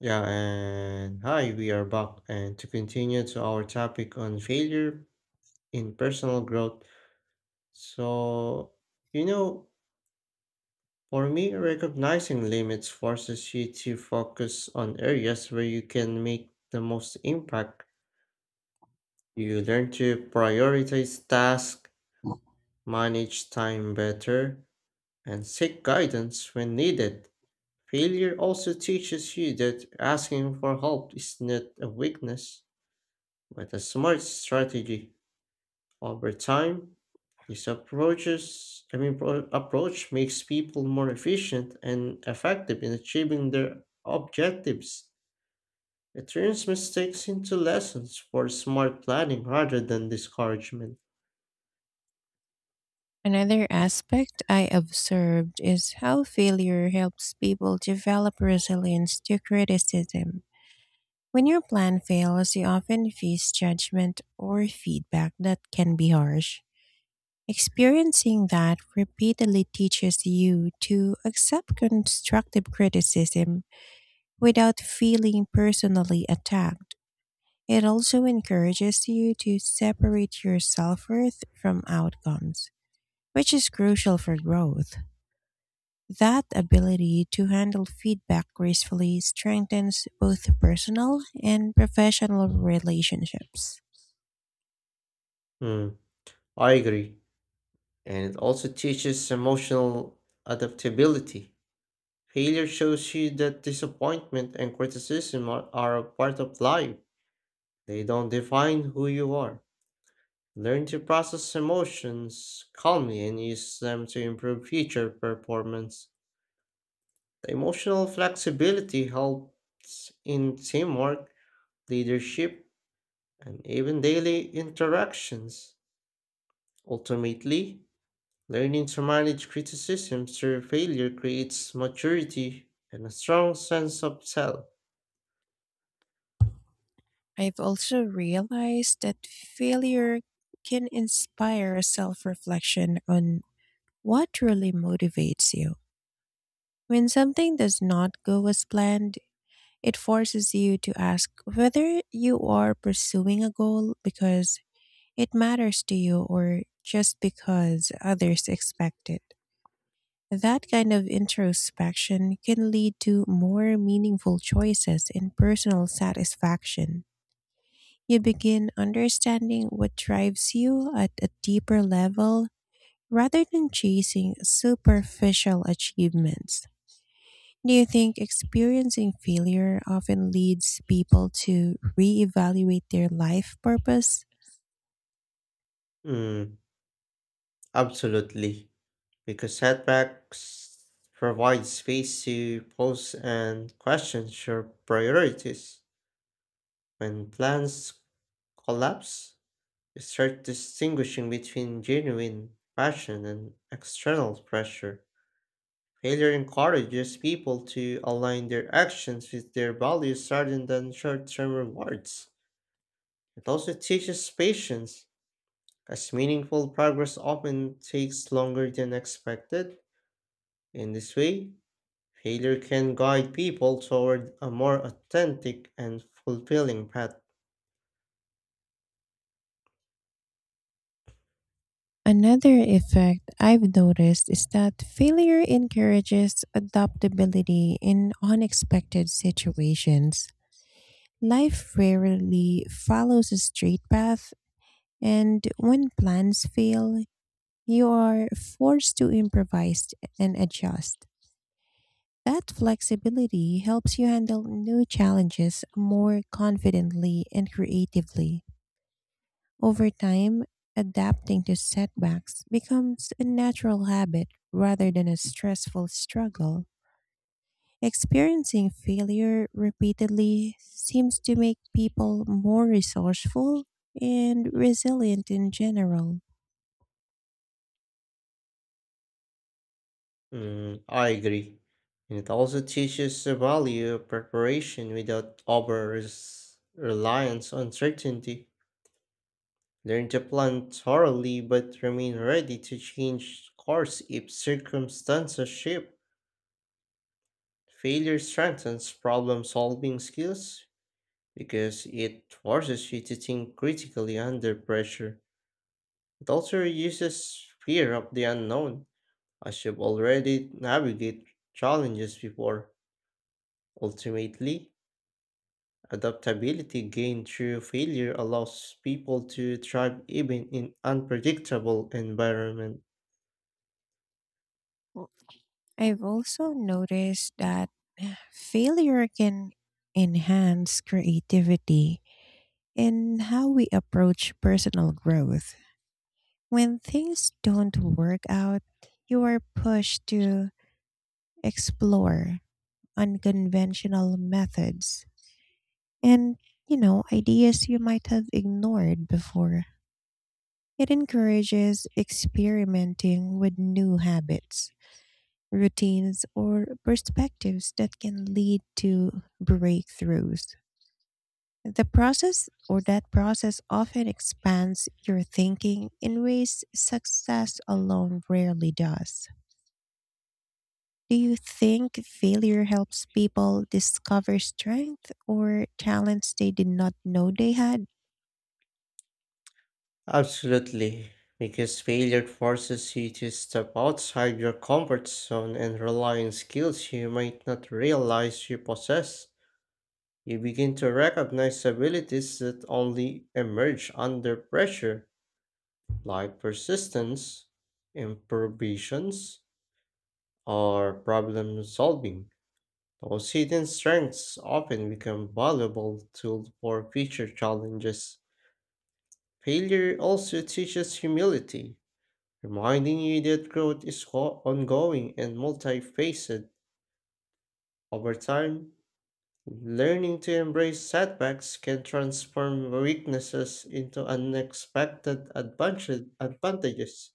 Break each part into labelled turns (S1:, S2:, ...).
S1: Yeah, and hi, we are back and to continue to our topic on failure in personal growth. So, you know, for me, recognizing limits forces you to focus on areas where you can make the most impact. You learn to prioritize tasks, manage time better, and seek guidance when needed. Failure also teaches you that asking for help is not a weakness. With a smart strategy over time, this approaches I mean pro- approach makes people more efficient and effective in achieving their objectives. It turns mistakes into lessons for smart planning rather than discouragement.
S2: Another aspect I observed is how failure helps people develop resilience to criticism. When your plan fails, you often face judgment or feedback that can be harsh. Experiencing that repeatedly teaches you to accept constructive criticism without feeling personally attacked. It also encourages you to separate your self worth from outcomes, which is crucial for growth. That ability to handle feedback gracefully strengthens both personal and professional relationships.
S1: Hmm. I agree. And it also teaches emotional adaptability. Failure shows you that disappointment and criticism are a part of life. They don't define who you are. Learn to process emotions calmly and use them to improve future performance. The emotional flexibility helps in teamwork, leadership, and even daily interactions. Ultimately, learning to manage criticism through failure creates maturity and a strong sense of self.
S2: I've also realized that failure can inspire self reflection on what really motivates you. When something does not go as planned, it forces you to ask whether you are pursuing a goal because it matters to you or just because others expect it. That kind of introspection can lead to more meaningful choices and personal satisfaction. You begin understanding what drives you at a deeper level rather than chasing superficial achievements. Do you think experiencing failure often leads people to reevaluate their life purpose?
S1: Mm, absolutely. Because setbacks provide space to pause and question your priorities. When plans collapse, you start distinguishing between genuine passion and external pressure. Failure encourages people to align their actions with their values rather than short term rewards. It also teaches patience, as meaningful progress often takes longer than expected. In this way, failure can guide people toward a more authentic and fulfilling path.
S2: Another effect I've noticed is that failure encourages adaptability in unexpected situations. Life rarely follows a straight path, and when plans fail, you are forced to improvise and adjust. That flexibility helps you handle new challenges more confidently and creatively. Over time, adapting to setbacks becomes a natural habit rather than a stressful struggle. Experiencing failure repeatedly seems to make people more resourceful and resilient in general.
S1: Mm, I agree. And it also teaches the value of preparation without reliance on certainty. Learn to plan thoroughly but remain ready to change course if circumstances shift. Failure strengthens problem solving skills because it forces you to think critically under pressure. It also reduces fear of the unknown, as you've already navigated challenges before. Ultimately, adaptability gained through failure allows people to thrive even in unpredictable environments.
S2: Well, I've also noticed that failure can enhance creativity in how we approach personal growth. When things don't work out, you are pushed to explore unconventional methods and ideas you might have ignored before. It encourages experimenting with new habits, routines, or perspectives that can lead to breakthroughs. The process or that process often expands your thinking in ways success alone rarely does. Do you think failure helps people discover strength or talents they did not know they had?
S1: Absolutely, because failure forces you to step outside your comfort zone and rely on skills you might not realize you possess. You begin to recognize abilities that only emerge under pressure like persistence, improvisations, or problem solving. Those hidden strengths often become valuable tools for future challenges. Failure also teaches humility, reminding you that growth is ongoing and multifaceted. Over time, learning to embrace setbacks can transform weaknesses into unexpected advantages.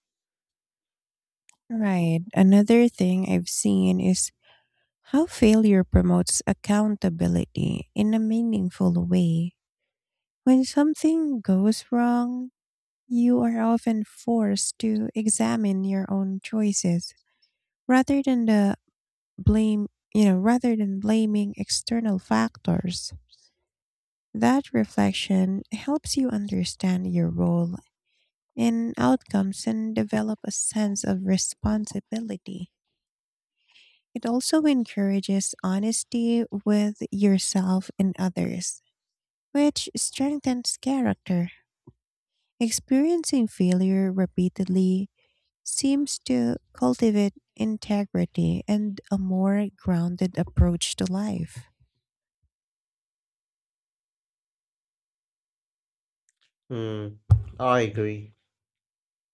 S2: Right. Another thing I've seen is how failure promotes accountability in a meaningful way. When something goes wrong, you are often forced to examine your own choices rather than the blame, you know, rather than blaming external factors. That reflection helps you understand your role in outcomes and develop a sense of responsibility. It also encourages honesty with yourself and others, which strengthens character. Experiencing failure repeatedly seems to cultivate integrity and a more grounded approach to life.
S1: Hmm, I agree.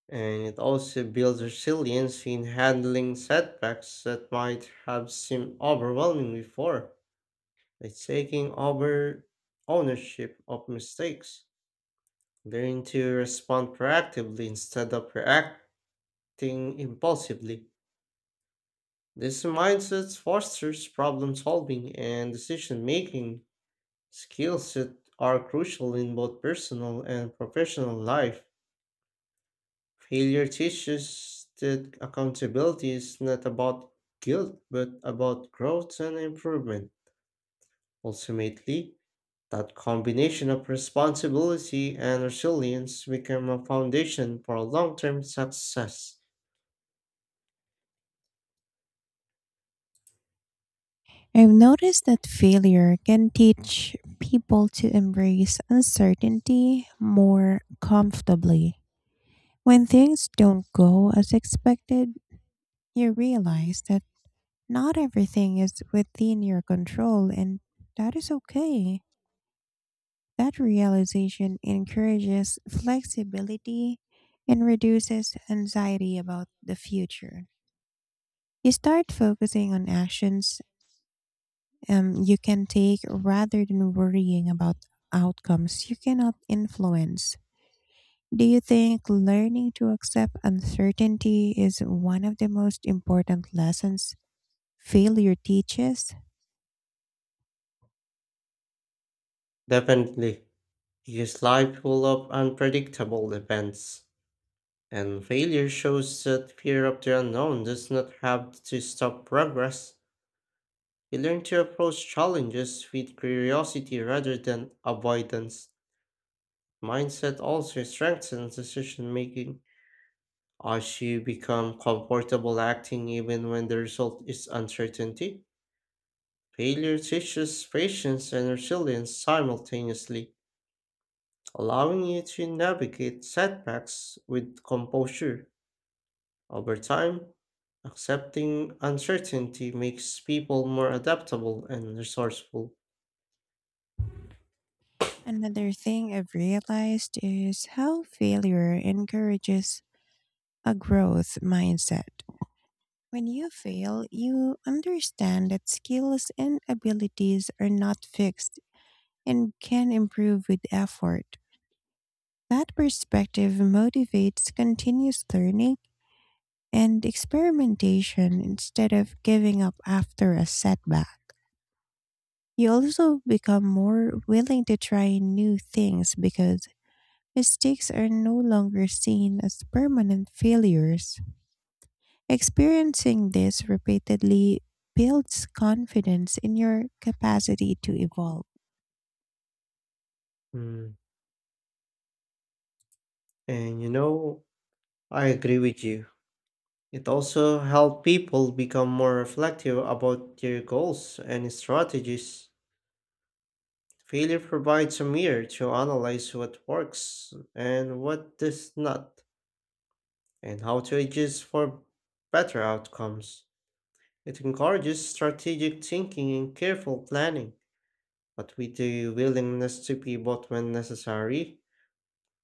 S1: And it also builds resilience in handling setbacks that might have seemed overwhelming before, by taking over ownership of mistakes. Learn to respond proactively instead of reacting impulsively. This mindset fosters problem solving and decision making skills that are crucial in both personal and professional life. Failure teaches that accountability is not about guilt, but about growth and improvement. Ultimately, that combination of responsibility and resilience become a foundation for long term success.
S2: I've noticed that failure can teach people to embrace uncertainty more comfortably. When things don't go as expected, you realize that not everything is within your control, and that is okay. That realization encourages flexibility and reduces anxiety about the future. You start focusing on actions you can take rather than worrying about outcomes you cannot influence. Do you think learning to accept uncertainty is one of the most important lessons failure teaches?
S1: Definitely, because life full of unpredictable events. And failure shows that fear of the unknown does not have to stop progress. We learn to approach challenges with curiosity rather than avoidance. Mindset also strengthens decision making as you become comfortable acting even when the result is uncertainty. Failure teaches patience and resilience simultaneously, allowing you to navigate setbacks with composure. Over time, accepting uncertainty makes people more adaptable and resourceful.
S2: Another thing I've realized is how failure encourages a growth mindset. When you fail, you understand that skills and abilities are not fixed and can improve with effort. That perspective motivates continuous learning and experimentation instead of giving up after a setback. You also become more willing to try new things because mistakes are no longer seen as permanent failures. Experiencing this repeatedly builds confidence in your capacity to evolve.
S1: Mm. And you know, I agree with you. It also helped people become more reflective about their goals and strategies. Failure provides a mirror to analyze what works and what does not, and how to adjust for better outcomes. It encourages strategic thinking and careful planning, but with the willingness to pivot when necessary.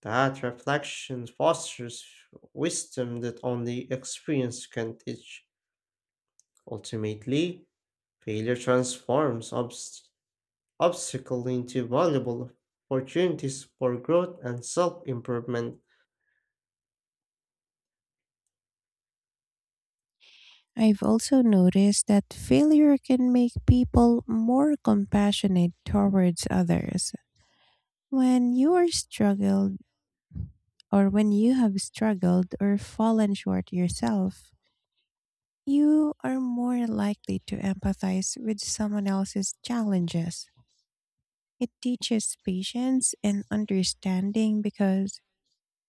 S1: That reflection fosters wisdom that only experience can teach. Ultimately, failure transforms obstacles into valuable opportunities for growth and self improvement.
S2: I've also noticed that failure can make people more compassionate towards others. When you are struggled when you have struggled or fallen short yourself, you are more likely to empathize with someone else's challenges. It teaches patience and understanding because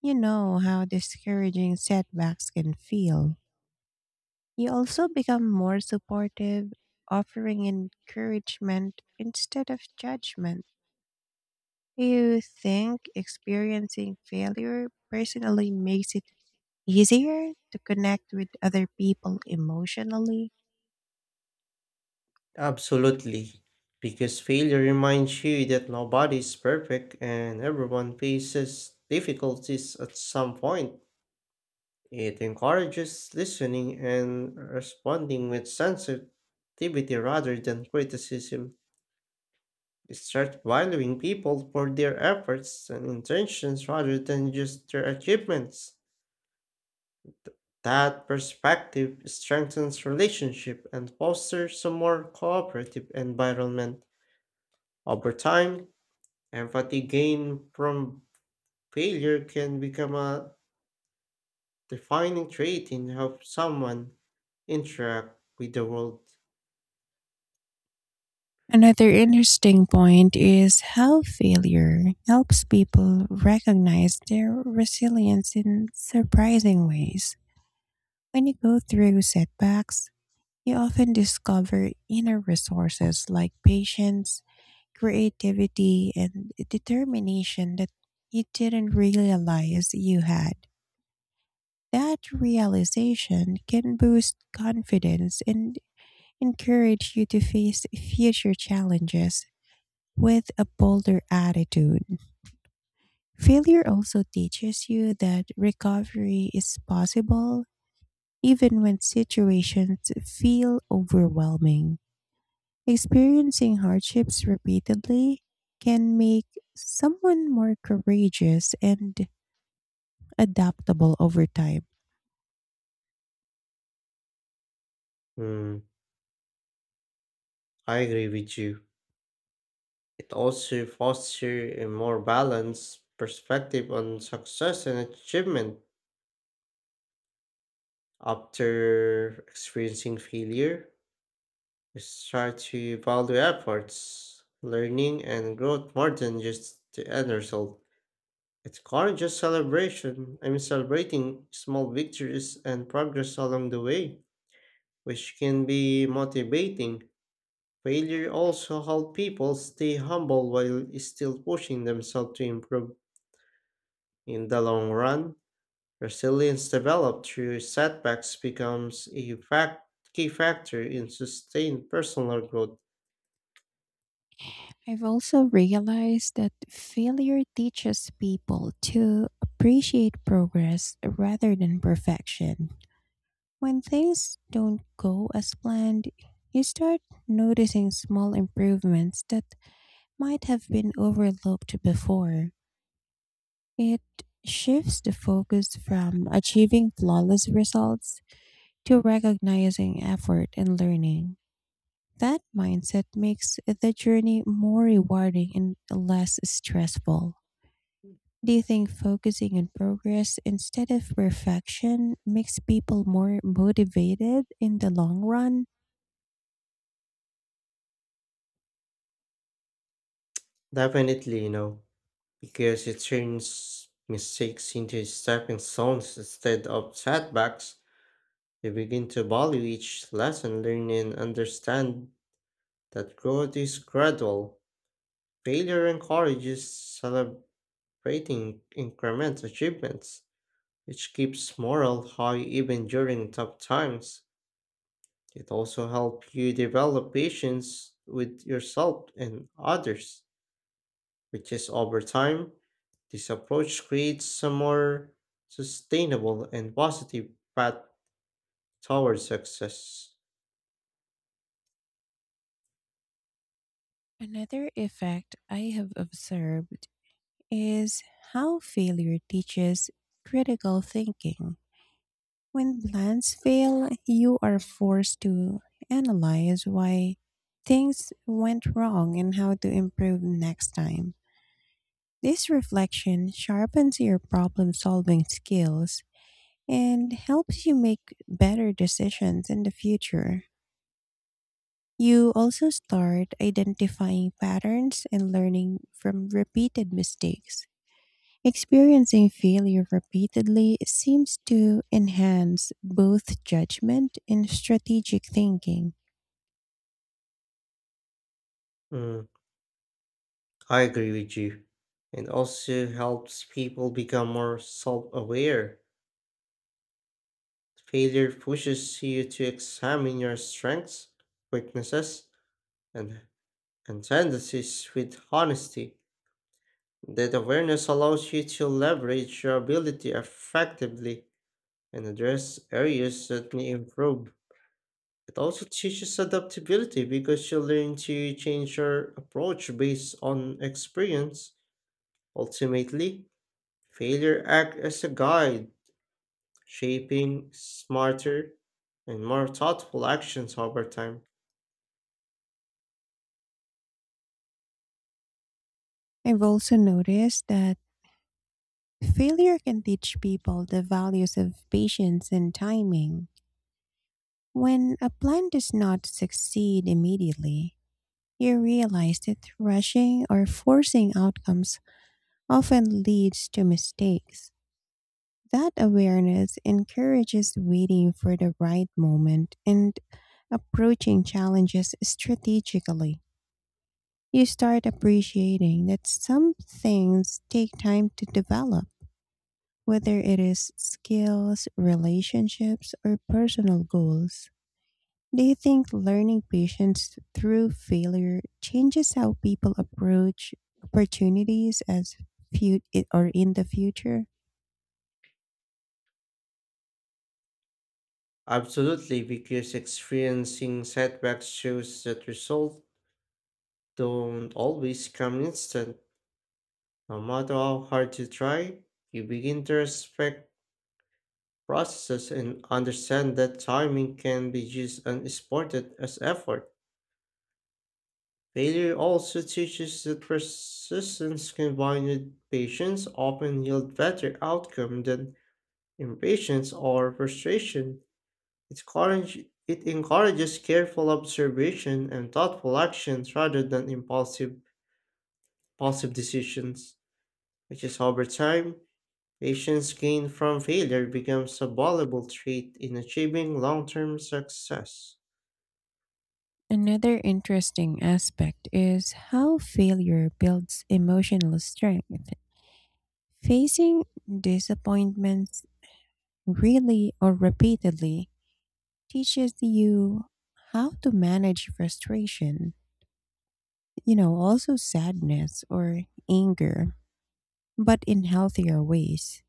S2: you know how discouraging setbacks can feel. You also become more supportive, offering encouragement instead of judgment. Do you think experiencing failure personally makes it easier to connect with other people emotionally?
S1: Absolutely. Because failure reminds you that nobody is perfect and everyone faces difficulties at some point. It encourages listening and responding with sensitivity rather than criticism. Start valuing people for their efforts and intentions rather than just their achievements. That perspective strengthens relationship and fosters a more cooperative environment. Over time, empathy gained from failure can become a defining trait in how someone interact with the world.
S2: Another interesting point is how failure helps people recognize their resilience in surprising ways. When you go through setbacks, you often discover inner resources like patience, creativity, and determination that you didn't realize you had. That realization can boost confidence and encourage you to face future challenges with a bolder attitude. Failure also teaches you that recovery is possible even when situations feel overwhelming. Experiencing hardships repeatedly can make someone more courageous and adaptable over time.
S1: Hmm, I agree with you. It also fosters a more balanced perspective on success and achievement after experiencing failure. Start to value efforts, learning, and growth more than just the end result. It's not just celebration. I mean, Celebrating small victories and progress along the way, which can be motivating. Failure also helps people stay humble while still pushing themselves to improve. In the long run, resilience developed through setbacks becomes a key factor in sustained personal growth.
S2: I've also realized that failure teaches people to appreciate progress rather than perfection. When things don't go as planned, you start noticing small improvements that might have been overlooked before. It shifts the focus from achieving flawless results to recognizing effort and learning. That mindset makes the journey more rewarding and less stressful. Do you think focusing on progress instead of perfection makes people more motivated in the long run?
S1: Definitely. Because it turns mistakes into stepping stones instead of setbacks, they begin to value each lesson learned and understand that growth is gradual. Failure encourages celebrating incremental achievements, which keeps morale high even during tough times. It also helps you develop patience with yourself and others, which is over time, this approach creates a more sustainable and positive path towards success.
S2: Another effect I have observed is how failure teaches critical thinking. When plans fail, you are forced to analyze why things went wrong and how to improve next time. This reflection sharpens your problem solving skills and helps you make better decisions in the future. You also start identifying patterns and learning from repeated mistakes. Experiencing failure repeatedly seems to enhance both judgment and strategic thinking.
S1: Mm, I agree with you. And also helps people become more self aware. Failure pushes you to examine your strengths, weaknesses, and, and tendencies with honesty. That awareness allows you to leverage your ability effectively and address areas that may improve. It also teaches adaptability because you learn to change your approach based on experience. Ultimately, failure acts as a guide, shaping smarter and more thoughtful actions over time.
S2: I've also noticed that failure can teach people the values of patience and timing. When a plan does not succeed immediately, you realize that rushing or forcing outcomes often leads to mistakes. That awareness encourages waiting for the right moment and approaching challenges strategically. You start appreciating that some things take time to develop, whether it is skills, relationships, or personal goals. Do you think learning patience through failure changes how people approach opportunities as or in the future?
S1: Absolutely, because experiencing setbacks shows that results don't always come instant. No matter how hard you try, you begin to respect processes and understand that timing can be used and exported as effort. Failure also teaches that persistence combined with patience often yield better outcome than impatience or frustration. It, courage, it encourages careful observation and thoughtful actions rather than impulsive decisions, which is over time, patience gained from failure becomes a valuable trait in achieving long-term success.
S2: Another interesting aspect is how failure builds emotional strength. Facing disappointments really or repeatedly teaches you how to manage frustration, also sadness or anger, but in healthier ways.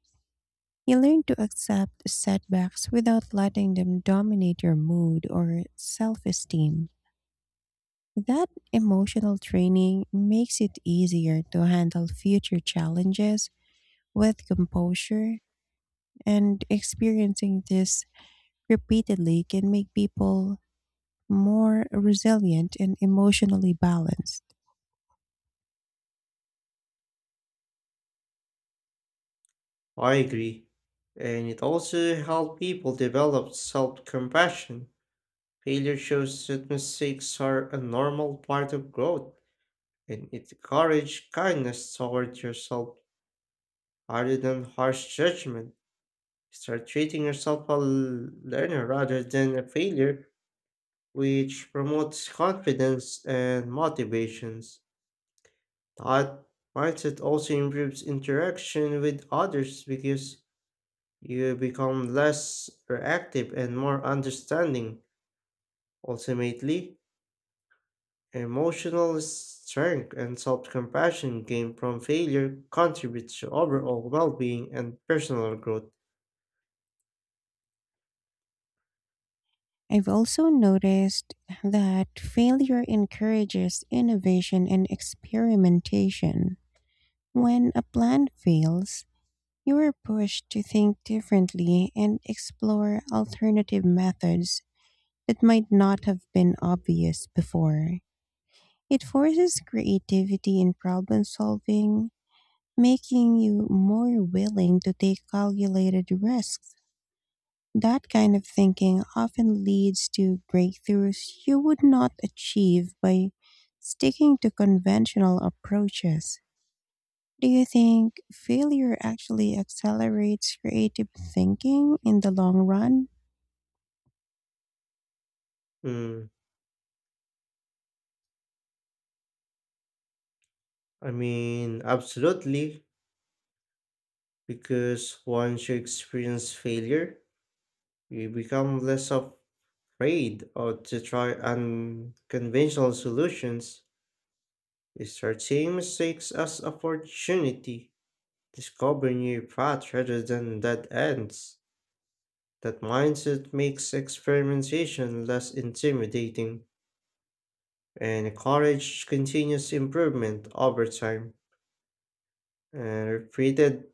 S2: You learn to accept setbacks without letting them dominate your mood or self esteem. That emotional training makes it easier to handle future challenges with composure, and experiencing this repeatedly can make people more resilient and emotionally balanced.
S1: I agree. And it also helps people develop self compassion. Failure shows that mistakes are a normal part of growth, and it encourages kindness toward yourself rather than harsh judgment. Start treating yourself a learner rather than a failure, which promotes confidence and motivations. That mindset also improves interaction with others because you become less reactive and more understanding. Ultimately, emotional strength and self compassion gained from failure contributes to overall well being and personal growth.
S2: I've also noticed that failure encourages innovation and experimentation. When a plan fails, you are pushed to think differently and explore alternative methods that might not have been obvious before. It forces creativity in problem solving, making you more willing to take calculated risks. That kind of thinking often leads to breakthroughs you would not achieve by sticking to conventional approaches. Do you think failure actually accelerates creative thinking in the long run?
S1: Mm, Absolutely, because once you experience failure, you become less afraid or to try unconventional solutions. You start seeing mistakes as opportunity discovering new paths rather than dead ends. That mindset makes experimentation less intimidating and encourages continuous improvement over time. And repeated,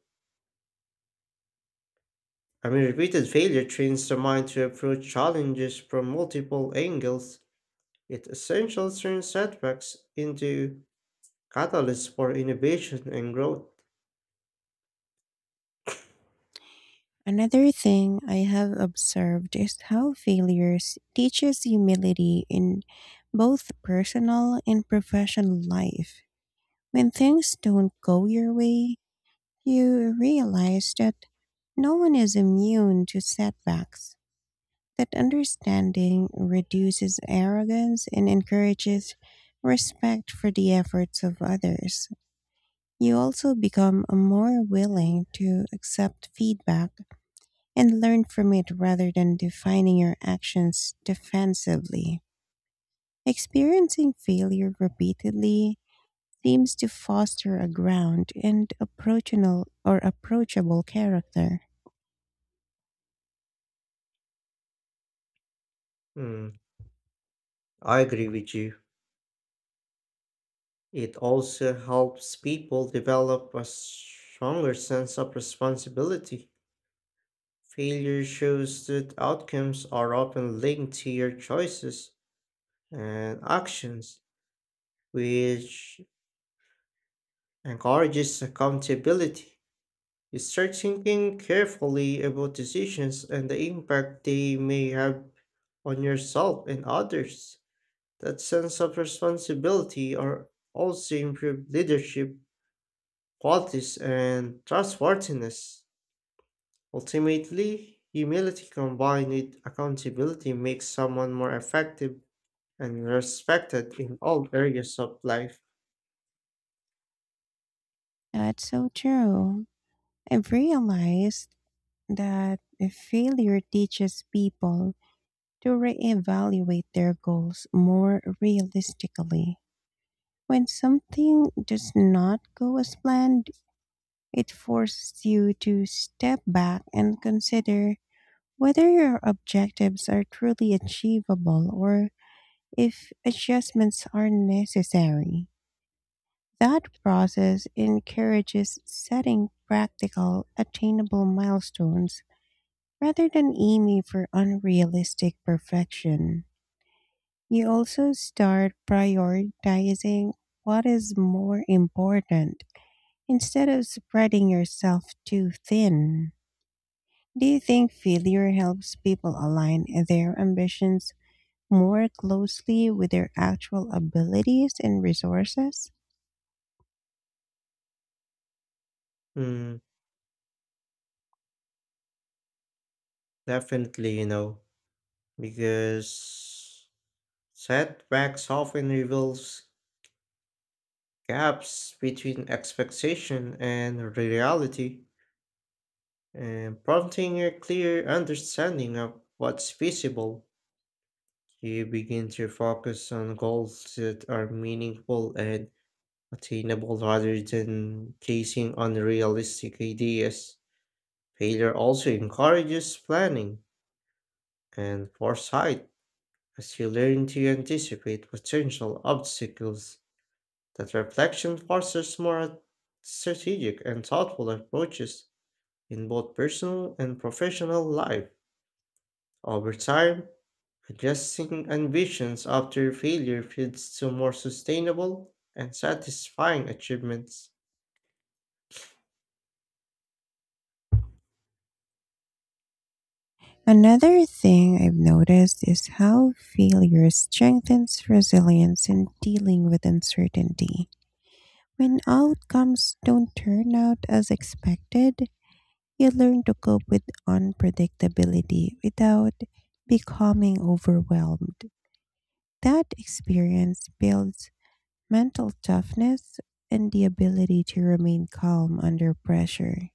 S1: I mean, Repeated failure trains the mind to approach challenges from multiple angles. It essentially turns setbacks into catalysts for innovation and growth.
S2: Another thing I have observed is how failures teaches humility in both personal and professional life. When things don't go your way, you realize that no one is immune to setbacks. That understanding reduces arrogance and encourages respect for the efforts of others. You also become more willing to accept feedback and learn from it rather than defining your actions defensively. Experiencing failure repeatedly seems to foster a ground and approachable or approachable character.
S1: Mm, I agree with you. It also helps people develop a stronger sense of responsibility. Failure shows that outcomes are often linked to your choices and actions, which encourages accountability. You start thinking carefully about decisions and the impact they may have on yourself and others. That sense of responsibility are also improve leadership qualities and trustworthiness. Ultimately, humility combined with accountability makes someone more effective and respected in all areas of life.
S2: That's so true. I've realized that a failure teaches people to reevaluate their goals more realistically. When something does not go as planned, it forces you to step back and consider whether your objectives are truly achievable or if adjustments are necessary. That process encourages setting practical, attainable milestones rather than aiming for unrealistic perfection. You also start prioritizing what is more important. Instead of spreading yourself too thin, do you think failure helps people align their ambitions more closely with their actual abilities and resources?
S1: Mm, definitely, because setbacks often reveals gaps between expectation and reality and prompting a clear understanding of what's feasible. You begin to focus on goals that are meaningful and attainable rather than chasing unrealistic ideas. Failure also encourages planning and foresight as you learn to anticipate potential obstacles. That reflection fosters more strategic and thoughtful approaches in both personal and professional life. Over time, adjusting ambitions after failure leads to more sustainable and satisfying achievements.
S2: Another thing I've noticed is how failure strengthens resilience in dealing with uncertainty. When outcomes don't turn out as expected, you learn to cope with unpredictability without becoming overwhelmed. That experience builds mental toughness and the ability to remain calm under pressure.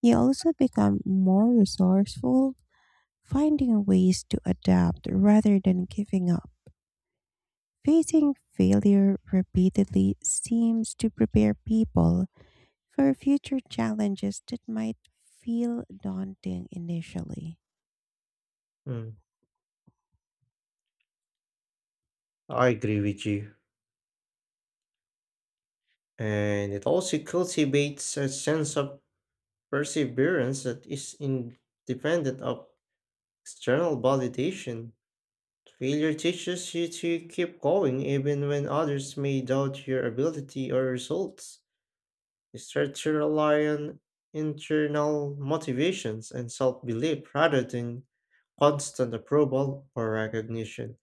S2: You also become more resourceful, finding ways to adapt rather than giving up. Facing failure repeatedly seems to prepare people for future challenges that might feel daunting initially.
S1: Mm, I agree with you. And it also cultivates a sense of perseverance that is independent of external validation. Failure teaches you to keep going even when others may doubt your ability or results. Researchers rely on internal motivations and self belief rather than constant approval or recognition.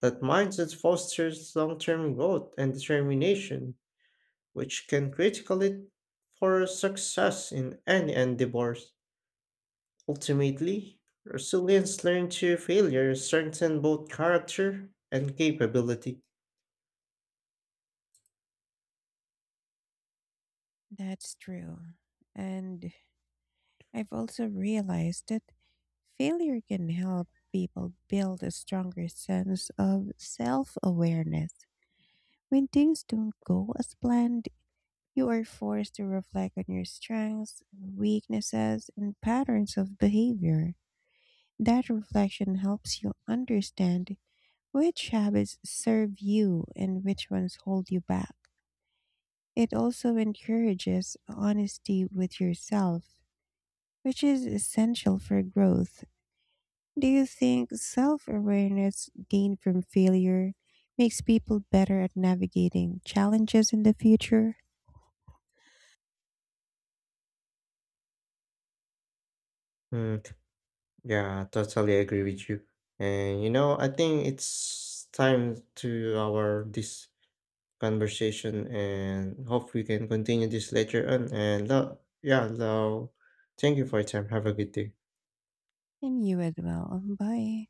S1: That mindset fosters long term growth and determination, which can critically for success in any endeavor. Ultimately, resilience learned through failure strengthens both character and capability.
S2: That's true. And I've also realized that failure can help people build a stronger sense of self awareness. When things don't go as planned, you are forced to reflect on your strengths, weaknesses, and patterns of behavior. That reflection helps you understand which habits serve you and which ones hold you back. It also encourages honesty with yourself, which is essential for growth. Do you think self awareness gained from failure makes people better at navigating challenges in the future?
S1: Hmm. Yeah, totally agree with you. I think it's time to our this conversation and hope we can continue this later on. And thank you for your time. Have a good day.
S2: And you as well. Bye.